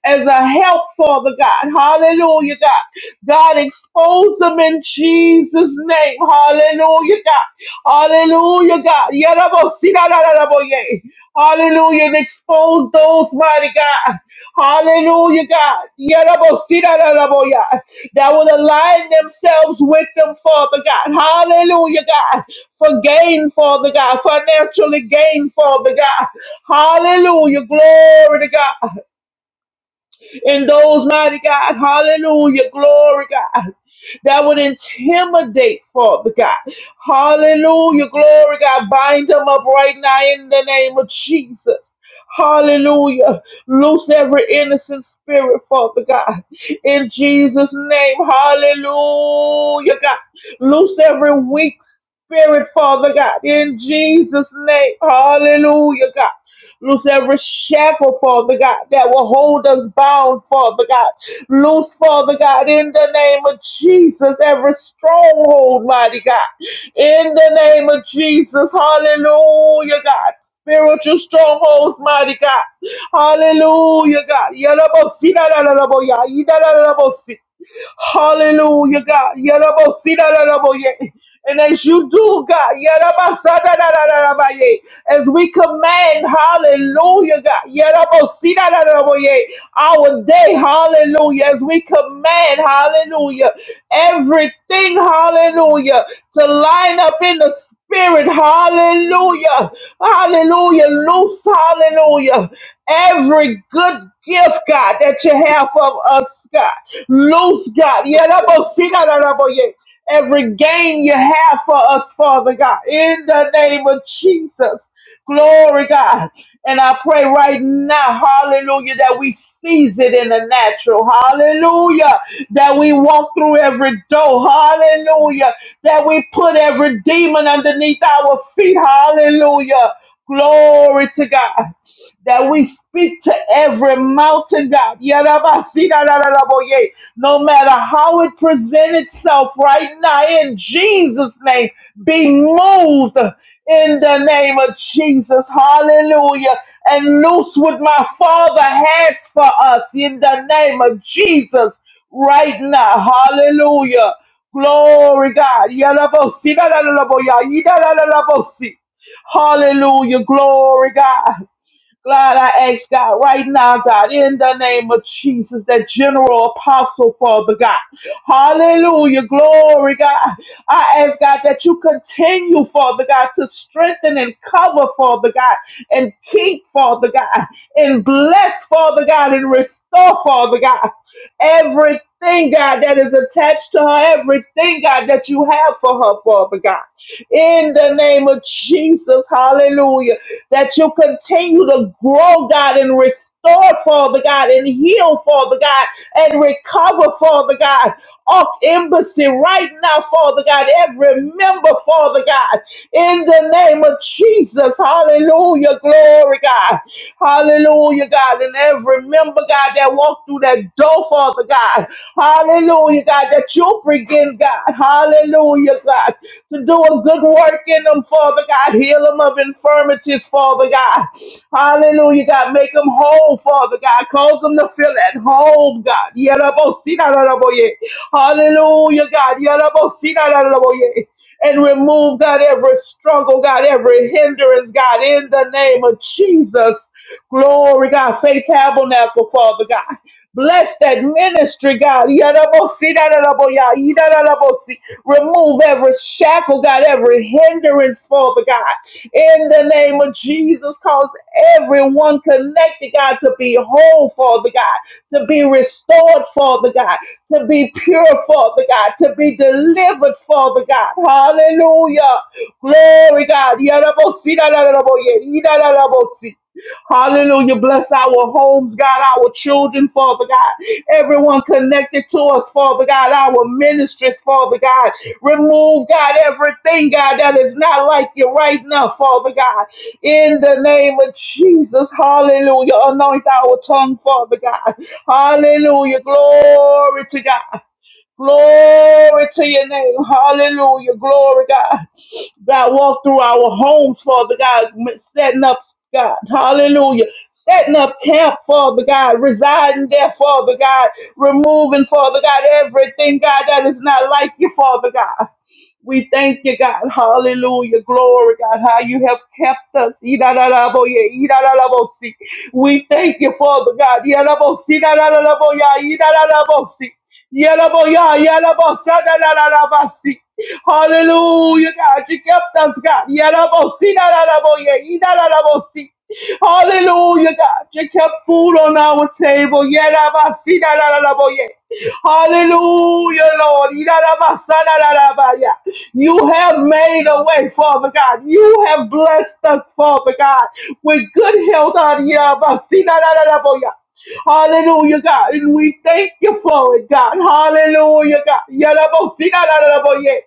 S4: as a help, Father God. Hallelujah, God. God, expose them in Jesus' name. Hallelujah, God. Hallelujah, God. Yarabosi, Hallelujah. And expose those, mighty God. Hallelujah, God. Yarabosidaraboya. That will align themselves with them, Father God. Hallelujah, God. For gain, Father God. Financially gain, Father God. Hallelujah. Glory to God. And those, mighty God, hallelujah, glory, God, that would intimidate, Father God. Hallelujah, glory, God, bind them up right now in the name of Jesus. Hallelujah. Loose every innocent spirit, Father God. In Jesus' name, hallelujah, God. Loose every weak spirit, Father God. In Jesus' name, hallelujah, God. Loose every shackle, Father God, that will hold us bound, Father God. Loose, Father God, in the name of Jesus, every stronghold, mighty God. In the name of Jesus, hallelujah, God. Spiritual strongholds, mighty God. Hallelujah, God. Yalabosi, da, da, da, da, bo, ya, yi, da, da, da, da, bo, si. Hallelujah, God. Yarabo sidaraboye. And as you do, God, yaraba sadarabaye. as we command, hallelujah, God, yarabo sidaraboye, our day, hallelujah, as we command, hallelujah, everything, hallelujah, to line up in the Spirit. Hallelujah. Hallelujah. Loose. Hallelujah. Every good gift, God, that you have of us, God. Loose, God. Yadabosika-dadabo-ye. Every gain you have for us, Father God. In the name of Jesus. Glory, God. And I pray right now, hallelujah, that we seize it in the natural. Hallelujah. That we walk through every door. Hallelujah. That we put every demon underneath our feet. Hallelujah. Glory to God that we speak to every mountain, God. Yarabasidadadadaboye. No matter how it presents itself right now, in Jesus' name, be moved in the name of Jesus. Hallelujah. And loose what my Father has for us in the name of Jesus right now. Hallelujah. Glory, God. Yarabosidadadadaboya. Yidadadadabosi. Hallelujah. Glory, God. God, I ask God right now, God, in the name of Jesus, that general apostle, Father God. Hallelujah. Glory, God. I ask God that you continue, Father God, to strengthen and cover, Father God, and keep, Father God, and bless, Father God, and restore, Father God, everything, God, that is attached to her, everything, God, that you have for her, Father God. In the name of Jesus, hallelujah that you continue to grow, God, and restore, Father God, and heal, Father God, and recover, Father God. Off embassy right now, Father God, every member, Father God, in the name of Jesus, hallelujah, glory, God, hallelujah, God, and every member, God, that walked through that door, Father God, hallelujah, God, that you'll begin, God, hallelujah, God, to do a good work in them, them, Father God. Heal them of infirmities, Father God. Hallelujah, God. Make them whole, Father God. Cause them to feel at home, God. Yerabosinararaboye. Hallelujah, God. Yerabosinararaboye. And remove, God, every struggle, God, every hindrance, God, in the name of Jesus. Glory, God. Faith tabernacle, Father God. Bless that ministry, God. Yadabosi, dadadaboya, yidadadabosi. Remove every shackle, God, every hindrance, Father God. In the name of Jesus, cause everyone connected, God, to be whole, Father God, to be restored, Father God, to be pure, Father God, to be delivered, Father God. Hallelujah. Glory, God. Yadabosi, dadadaboye, yidadadabosi. Hallelujah. Bless our homes, God, our children, Father God. Everyone connected to us, Father God, our ministries, Father God. Remove, God, everything, God, that is not like you right now, Father God. In the name of Jesus, hallelujah. Anoint our tongue, Father God. Hallelujah. Glory to God. Glory to your name. Hallelujah. Glory, God. God, walk through our homes, Father God, setting up, God, hallelujah, setting up camp, Father God, residing there, Father God, removing, Father God, everything, God, that is not like you, Father God. We thank you, God. Hallelujah. Glory, God, how you have kept us. Idadadaboye, idadadabosi. We thank you, Father God. Yadabosi, idadadadaboya, idadadabosi. Yadaboya, yadabosa, dadadadabasi. Hallelujah, God. You kept us, God. Yadabosi, idadadaboye, idadadabosi. Hallelujah, God. You kept food on our table. Yadabasi, idadadaboye. Hallelujah, Lord. Yidarabasadarabarabaya. You have made a way, Father God. You have blessed us, Father God, with good health. Yidarabasidarabarabaya. Hallelujah, God. And we thank you for it, God. Hallelujah, God. Yidarabasidarabarabaya.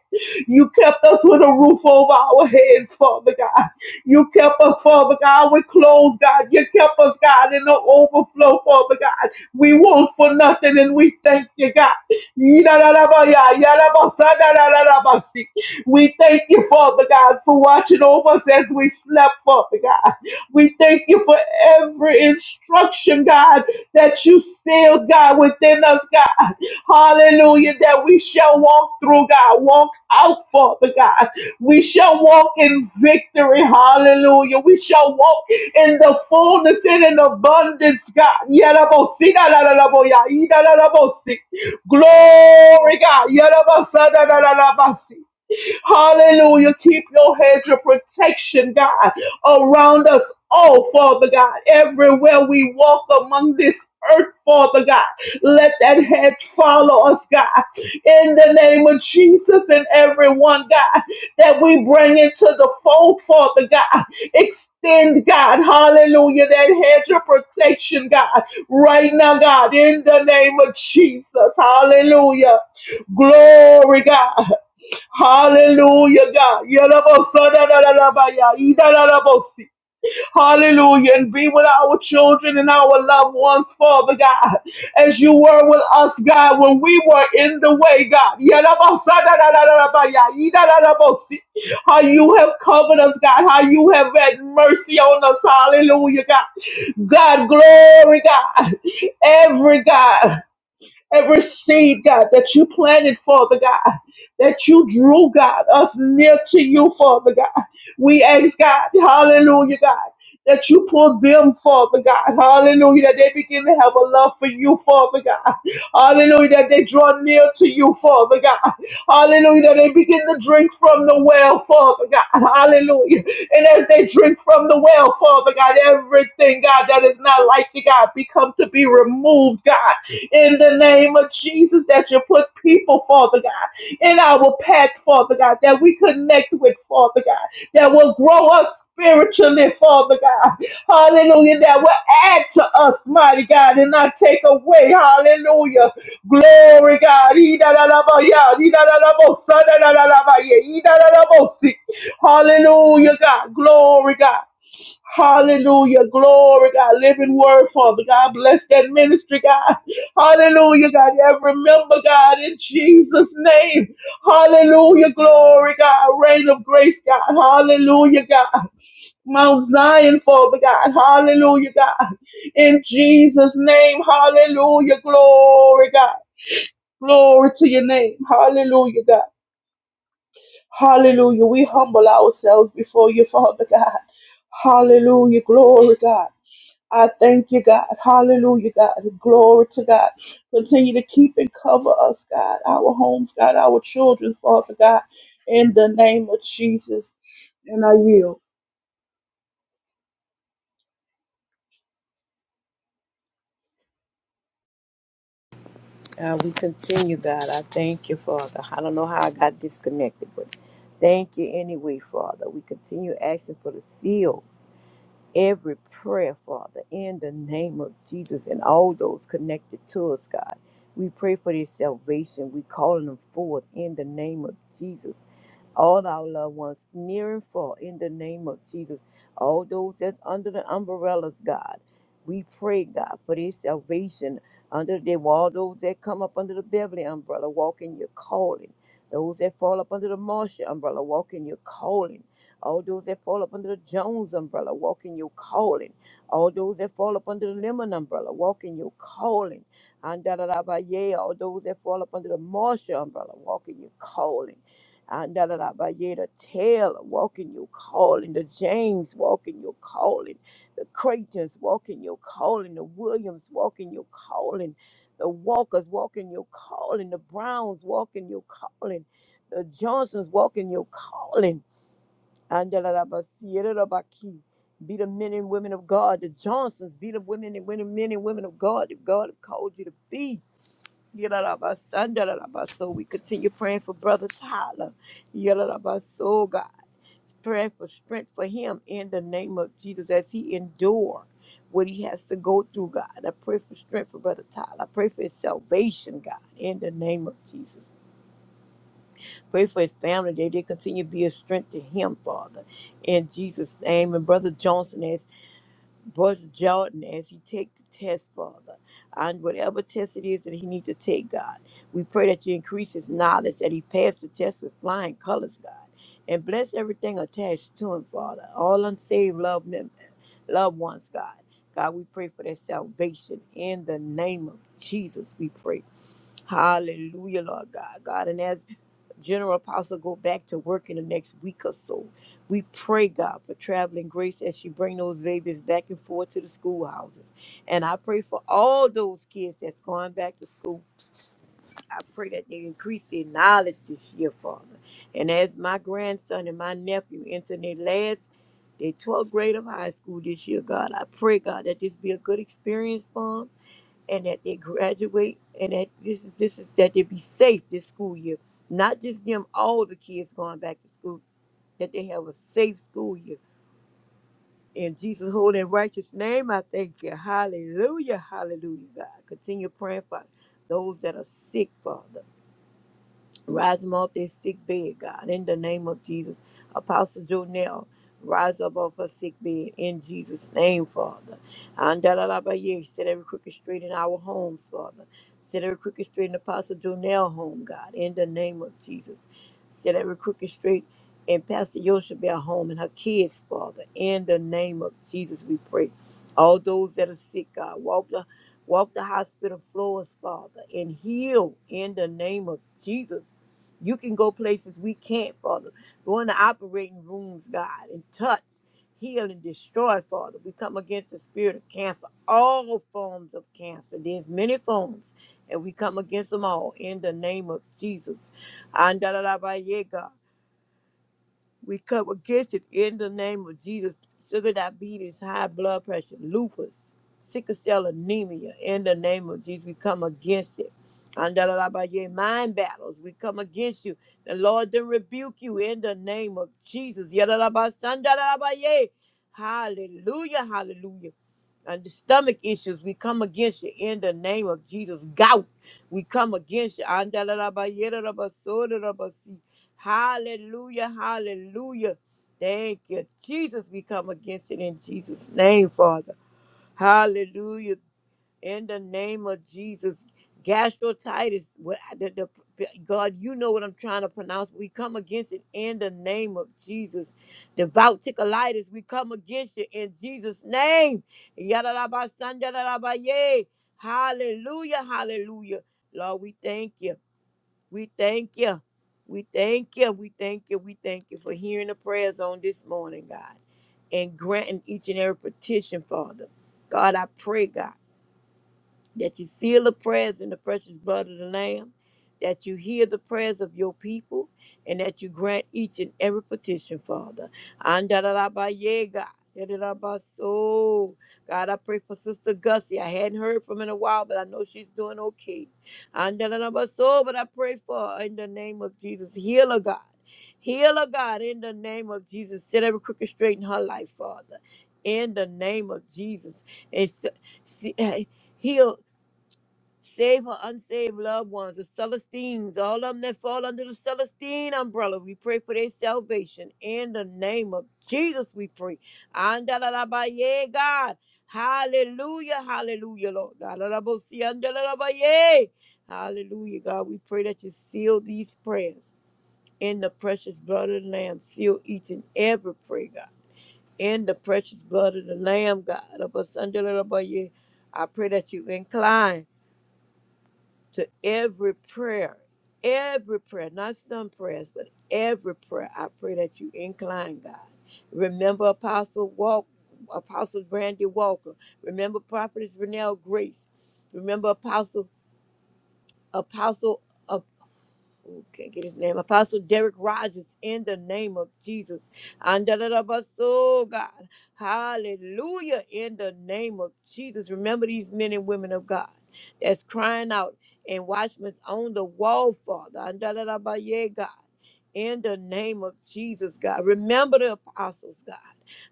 S4: You kept us with a roof over our heads, Father God. You kept us, Father God, with clothes, God. You kept us, God, in the overflow, Father God. We want for nothing and we thank you, God. Yidadadabaya, yadabasadadadadabasi. We thank you, Father God, for watching over us as we slept, Father God. We thank you for every instruction instruction, God, that you sealed, God, within us, God. Hallelujah, that we shall walk through, God, walk out, Father God. We shall walk in victory, hallelujah. We shall walk in the fullness and in abundance, God. Yarabosi, da, da, da, da, bo, ya, yi, da, da, da, bo, si. Glory, God. Yarabosa, da, da, da, da, ba, si. Hallelujah. Keep your hedge of protection, God, around us all, Father God. Everywhere we walk among this earth, Father God, let that hedge follow us, God. In the name of Jesus and everyone, God, that we bring into the fold, Father God. Extend, God, hallelujah, that hedge of protection, God, right now, God, in the name of Jesus, hallelujah. Glory, God. Hallelujah, God. Yalabosadadadadabaya, idadadabosi. Hallelujah. And be with our children and our loved ones, Father God, as you were with us, God, when we were in the way, God. Yalabosadadadadadabaya, idadadabosi. How you have covered us, God. How you have had mercy on us. Hallelujah, God. God, glory, God. Every God. Every seed, God, that you planted, Father God, that you drew, God, us near to you, Father God. We ask, God, hallelujah, God, that you pull them, Father God, hallelujah, that they begin to have a love for you, Father God, hallelujah, that they draw near to you, Father God, Hallelujah. They begin to drink from the well, Father God. Hallelujah. And as they drink from the well, Father God, everything, God, that is not like you, God, become to be removed, God. In the name of Jesus, that you put people, Father God, in our path, Father God, that we connect with, Father God, that will grow us, spiritually, Father God. Hallelujah. That will add to us, mighty God, and not take away. Hallelujah. Glory, God. Ee-da-da-da-ba-ya, ee-da-da-da-bo, sa-da-da-da-da-ba-ya, ee-da-da-da-bo-si. Hallelujah, God. Glory, God. Hallelujah. Glory, God. Living word, Father God. Bless that ministry, God. Hallelujah, God. Every member, God, in Jesus' name. Hallelujah. Glory, God. Reign of grace, God. Hallelujah, God. Mount Zion, Father God. Hallelujah, God. In Jesus' name, hallelujah. Glory, God. Glory to your name. Hallelujah, God. Hallelujah. We humble ourselves before you, Father God. Hallelujah. Glory, God. I thank you, God. Hallelujah, God. Glory to God. Continue to keep and cover us, God. Our homes, God. Our children, Father God. In the name of Jesus. And I yield.
S3: God, we continue, God. I thank you, Father. I don't know how I got disconnected, but thank you anyway, Father. We continue asking for the seal every prayer, Father, in the name of Jesus and all those connected to us, God. We pray for their salvation. We calling them forth in the name of Jesus. All our loved ones near and far in the name of Jesus. All those that's under the umbrellas, God. We pray, God, for their salvation under the wall. those that come up under the Beverly umbrella, walk in your calling. Those that fall up under the Marshall umbrella, walk in your calling all those that fall up under the Jones umbrella, walk in your calling. All those that fall up under the Lemon umbrella, walk in your calling. And da da da ba yeah, all those that fall up under the Marshall umbrella, walk in your calling. And da da da ba yeah, the Taylor, walk in your calling. The James, walk in your calling. The Creightons, walk in your calling. The Williams, walk in your calling. The Walkers, walk in your calling. The Browns, walk in your calling. The Johnsons, walk in your calling. Andalabasirabaki. Be the men and women of God, the Johnsons. Be the women and women, men and women of God that God have called you to be. Yalalabasandalabas. So we continue praying for Brother Tyler. Yalalabas. Oh God, praying for strength for him in the name of Jesus as he endure what he has to go through, God. I pray for strength for Brother Tyler. I pray for his salvation, God, in the name of Jesus. Pray for his family that they continue to be a strength to him, Father. In Jesus' name. And Brother Johnson, as Brother Jordan, as he take the test, Father, and whatever test it is that he needs to take, God, we pray that you increase his knowledge, that he pass the test with flying colors, God. And bless everything attached to him, Father. All unsaved loved, mem- loved ones, God. God, we pray for their salvation in the name of Jesus. We pray. Hallelujah, Lord God. God, and as General Apostle go back to work in the next week or so. We pray, God, for traveling grace as she bring those babies back and forth to the schoolhouses. And I pray for all those kids that's going back to school. I pray that they increase their knowledge this year, Father. And as my grandson and my nephew enter their last, their 12th grade of high school this year, God, I pray, God, that this be a good experience for 'em and that they graduate and that this is this is that they be safe this school year. Not just them, all the kids going back to school, that they have a safe school year. In Jesus' holy and righteous name, I thank you. Hallelujah. Hallelujah, God. Continue praying for those that are sick, Father. Rise them up their sick bed, God, in the name of Jesus. Apostle Jonell, rise up off her sick bed in Jesus' name, Father. And da da da ba ye, set every crooked street in our homes, Father. Set every crooked street in Apostle Jonell home, God, in the name of Jesus. Set every crooked street in Pastor Yoshabel home and her kids, Father, in the name of Jesus, we pray. All those that are sick, God, walk the walk the hospital floors, Father, and heal in the name of Jesus you can go places we can't, Father. Go in the operating rooms, God, and touch, heal, and destroy, Father. We come against the spirit of cancer, all forms of cancer. There's many forms, and we come against them all in the name of Jesus. Andalabaye, God. We come against it in the name of Jesus. Sugar diabetes, high blood pressure, lupus, sickle cell anemia, in the name of Jesus, we come against it. Andalabaye, Mind battles, we come against you. The Lord then rebuke you in the name of Jesus. Yadalabasandalabaye. Hallelujah, hallelujah. And the stomach issues, we come against you in the name of Jesus. Gout, we come against you. Andalabaye, Hallelujah. Hallelujah. Thank you, Jesus. We come against it in Jesus' name, Father. Hallelujah. In the name of Jesus. Gastrotitis. what- the- the- God, you know what I'm trying to pronounce. We come against it in the name of Jesus. Devout Vouticalitis, we come against it in Jesus' name. Yadalabasanjadalabaye. Hallelujah. Hallelujah. Lord, we thank you. We thank you. We thank you. We thank you. We thank you for hearing the prayers on this morning, God, and granting each and every petition, Father. God, I pray, God that you seal the prayers in the precious blood of the Lamb, that you hear the prayers of your people, and that you grant each and every petition, Father. Andalalabaye, God. Yadalabaso. God, I pray for Sister Gussie. I hadn't heard from her in a while, but I know she's doing okay. Andalalabaso, But I pray for her in the name of Jesus. Heal her, God. Heal her, God, in the name of Jesus. Set every crooked straight in her life, Father. In the name of Jesus. And see- heal. Save her unsaved loved ones, the Celestines, all of them that fall under the Celestine umbrella. We pray for their salvation. In the name of Jesus, we pray. Andalalabaye, God. Hallelujah, hallelujah, Lord. Galalabosi, andalalabaye. Hallelujah, God. We pray that you seal these prayers in the precious blood of the Lamb. Seal each and every prayer, God. In the precious blood of the Lamb, God. Abasandalalabaye. I pray that you incline to every prayer, every prayer, not some prayers, but every prayer. I pray that you incline, God. Remember Apostle Walk, Apostle Brandy Walker. Remember Prophetess Renelle Grace. Remember Apostle Apostle. uh, can't get his name. Apostle Derek Rogers, in the name of Jesus. Andalabaso, God. Hallelujah, in the name of Jesus. Remember these men and women of God that's crying out and watchmen on the wall, Father. Andalabaye, God. In the name of Jesus, God. Remember the apostles, God.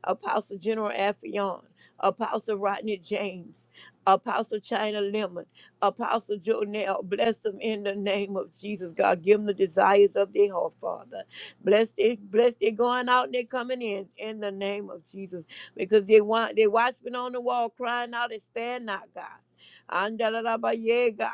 S3: Apostle General Affion, Apostle Rodney James, Apostle China Lemon. Apostle Jonell. Bless them in the name of Jesus, God. Give them the desires of their heart, Father. Bless they, bless they going out and they coming in in the name of Jesus. Because they want they watchmen on the wall crying out and spare not, God. Andalarabaye, God.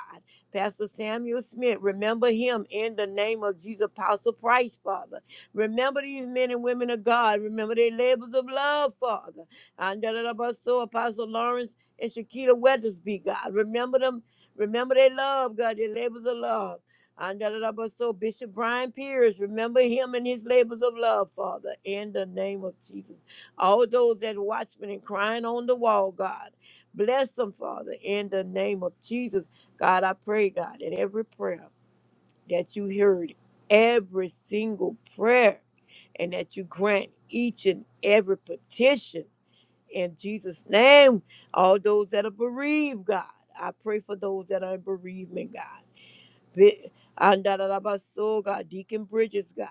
S3: Pastor Samuel Smith, remember him in the name of Jesus, Apostle Price, Father. Remember these men and women of God. Remember their labors of love, Father. Andalarabaso, Apostle Lawrence and Shakita Weathersby, God. Remember them Remember their love, God, their labors of love. And da- da- da- but so Bishop Brian Pierce, remember him and his labors of love, Father, in the name of Jesus. All those that watchmen and crying on the wall, God, bless them, Father, in the name of Jesus. God, I pray, God, that every prayer that you heard, every single prayer, and that you grant each and every petition in Jesus' name, all those that are bereaved, God, I pray for those that are in bereavement, God. Be- Andarabaso, God, Deacon Bridges, God.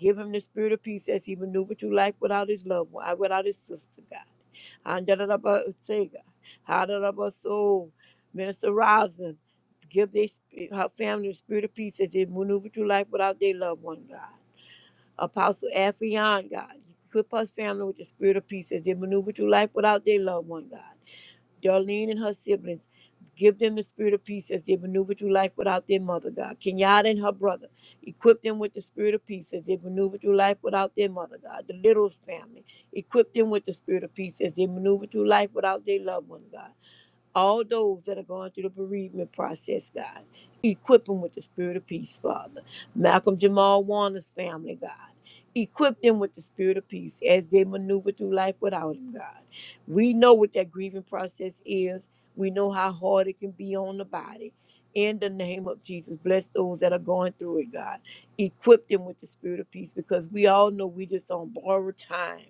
S3: Give him the spirit of peace as he maneuvered through life without his loved one, uh, without his sister, God. Andarabase, God. Hadarabaso, Minister Rosin, give their, her family the spirit of peace as they maneuver through life without their loved one, God. Apostle Affion, God. Equip her family with the spirit of peace as they maneuver through life without their loved one, God. Darlene and her siblings, give them the spirit of peace as they maneuver through life without their mother, God. Kenyatta and her brother, equip them with the spirit of peace as they maneuver through life without their mother, God. The Littles family, equip them with the spirit of peace as they maneuver through life without their loved one, God all those that are going through the bereavement process, God. Equip them with the spirit of peace, Father. Malcolm Jamal Warner's family, God. Equip them with the spirit of peace as they maneuver through life without him, God. We know what that grieving process is. We know how hard it can be on the body. In the name of Jesus, bless those that are going through it, God. Equip them with the spirit of peace because we all know we just on borrowed time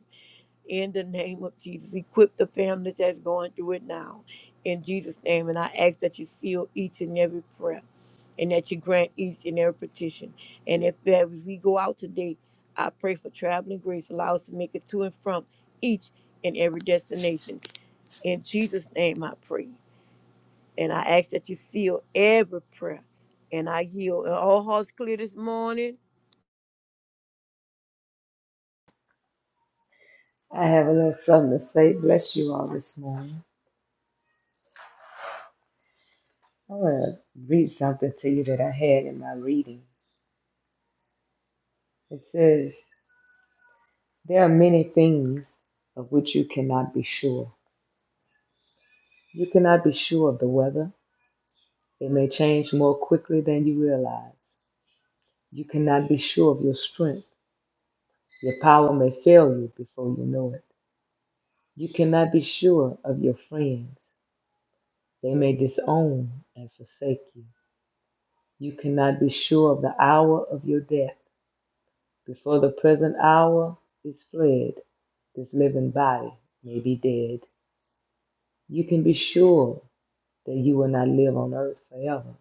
S3: in the name of Jesus. Equip the family that's going through it now in Jesus' name. And I ask that you seal each and every prayer and that you grant each and every petition. And if that if we go out today, I pray for traveling grace. Allow us to make it to and from each and every destination. In Jesus' name I pray. And I ask that you seal every prayer. And I yield. Are all hearts clear this morning?
S1: I have a little something to say. Bless you all this morning. I want to read something to you that I had in my reading. It says, There are many things of which you cannot be sure. You cannot be sure of the weather, it may change more quickly than you realize. You cannot be sure of your strength. Your power may fail you before you know it. You cannot be sure of your friends. They may disown and forsake you. You cannot be sure of the hour of your death. Before the present hour is fled, this living body may be dead. You can be sure that you will not live on earth forever,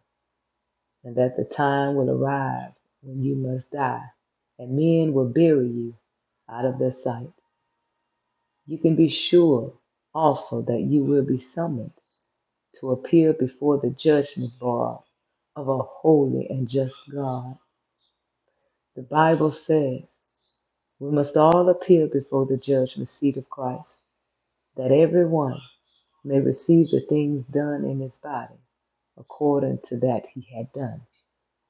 S1: and that the time will arrive when you must die, and men will bury you out of their sight. You can be sure also that you will be summoned to appear before the judgment bar of a holy and just God. The Bible says we must all appear before the judgment seat of Christ, that everyone may receive the things done in his body according to that he had done,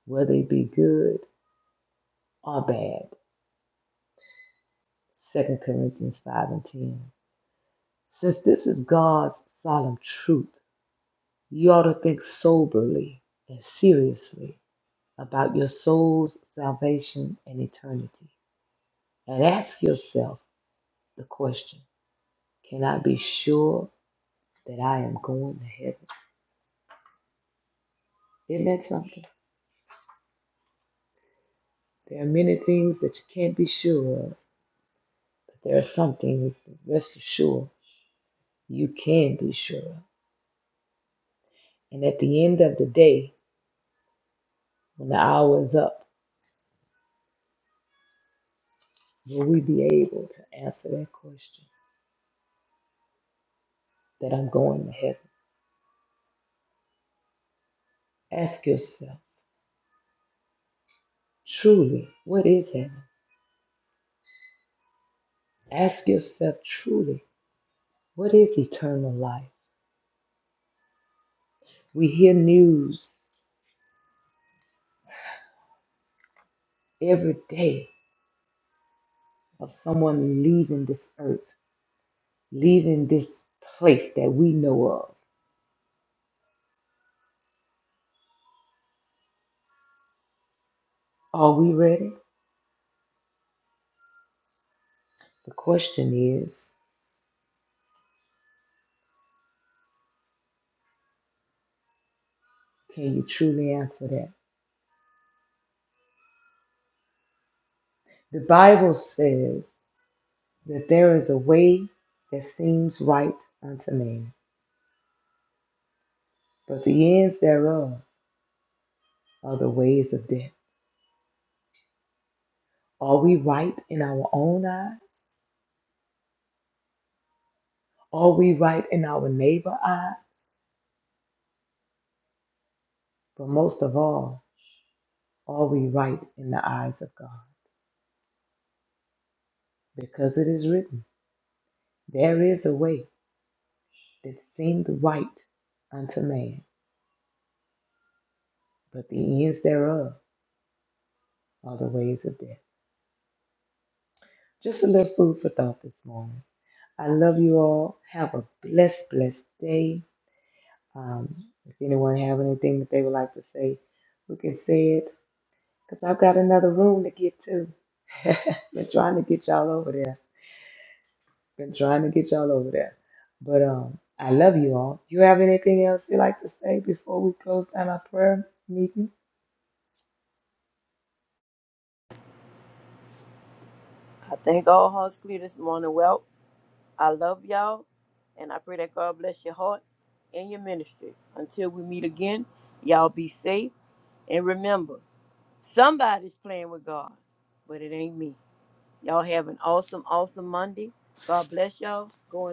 S1: whether it be good or bad. Second Corinthians 5 and 10. Since this is God's solemn truth, you ought to think soberly and seriously about your soul's salvation and eternity. And ask yourself the question Can I be sure that I am going to heaven? Isn't that something? There are many things that you can't be sure of, but there are some things that, that's for sure you can be sure of. And at the end of the day, when the hour is up, will we be able to answer that question that I'm going to heaven? Ask yourself truly, what is heaven? Ask yourself truly, What is eternal life? We hear news every day of someone leaving this earth, leaving this place that we know of. Are we ready? The question is can you truly answer that? The Bible says that there is a way that seems right unto man, but the ends thereof are the ways of death. Are we right in our own eyes? Are we right in our neighbor's eyes? But most of all, Are we right in the eyes of God? Because it is written, There is a way that seemed right unto man, but the ends thereof are the ways of death. Just a little food for thought this morning. I love you all. Have a blessed, blessed day. Um, if anyone have anything that they would like to say, we can say it because I've got another room to get to. Been trying to get y'all over there. Been trying to get y'all over there. But um, I love you all. You have anything else you like to say before we close down our prayer meeting?
S3: I think all hearts clear this morning. Well, I love y'all, and I pray that God bless your heart and your ministry. Until we meet again, y'all be safe. And remember, somebody's playing with God, but it ain't me. Y'all have an awesome, awesome Monday. God bless y'all. Go in peace.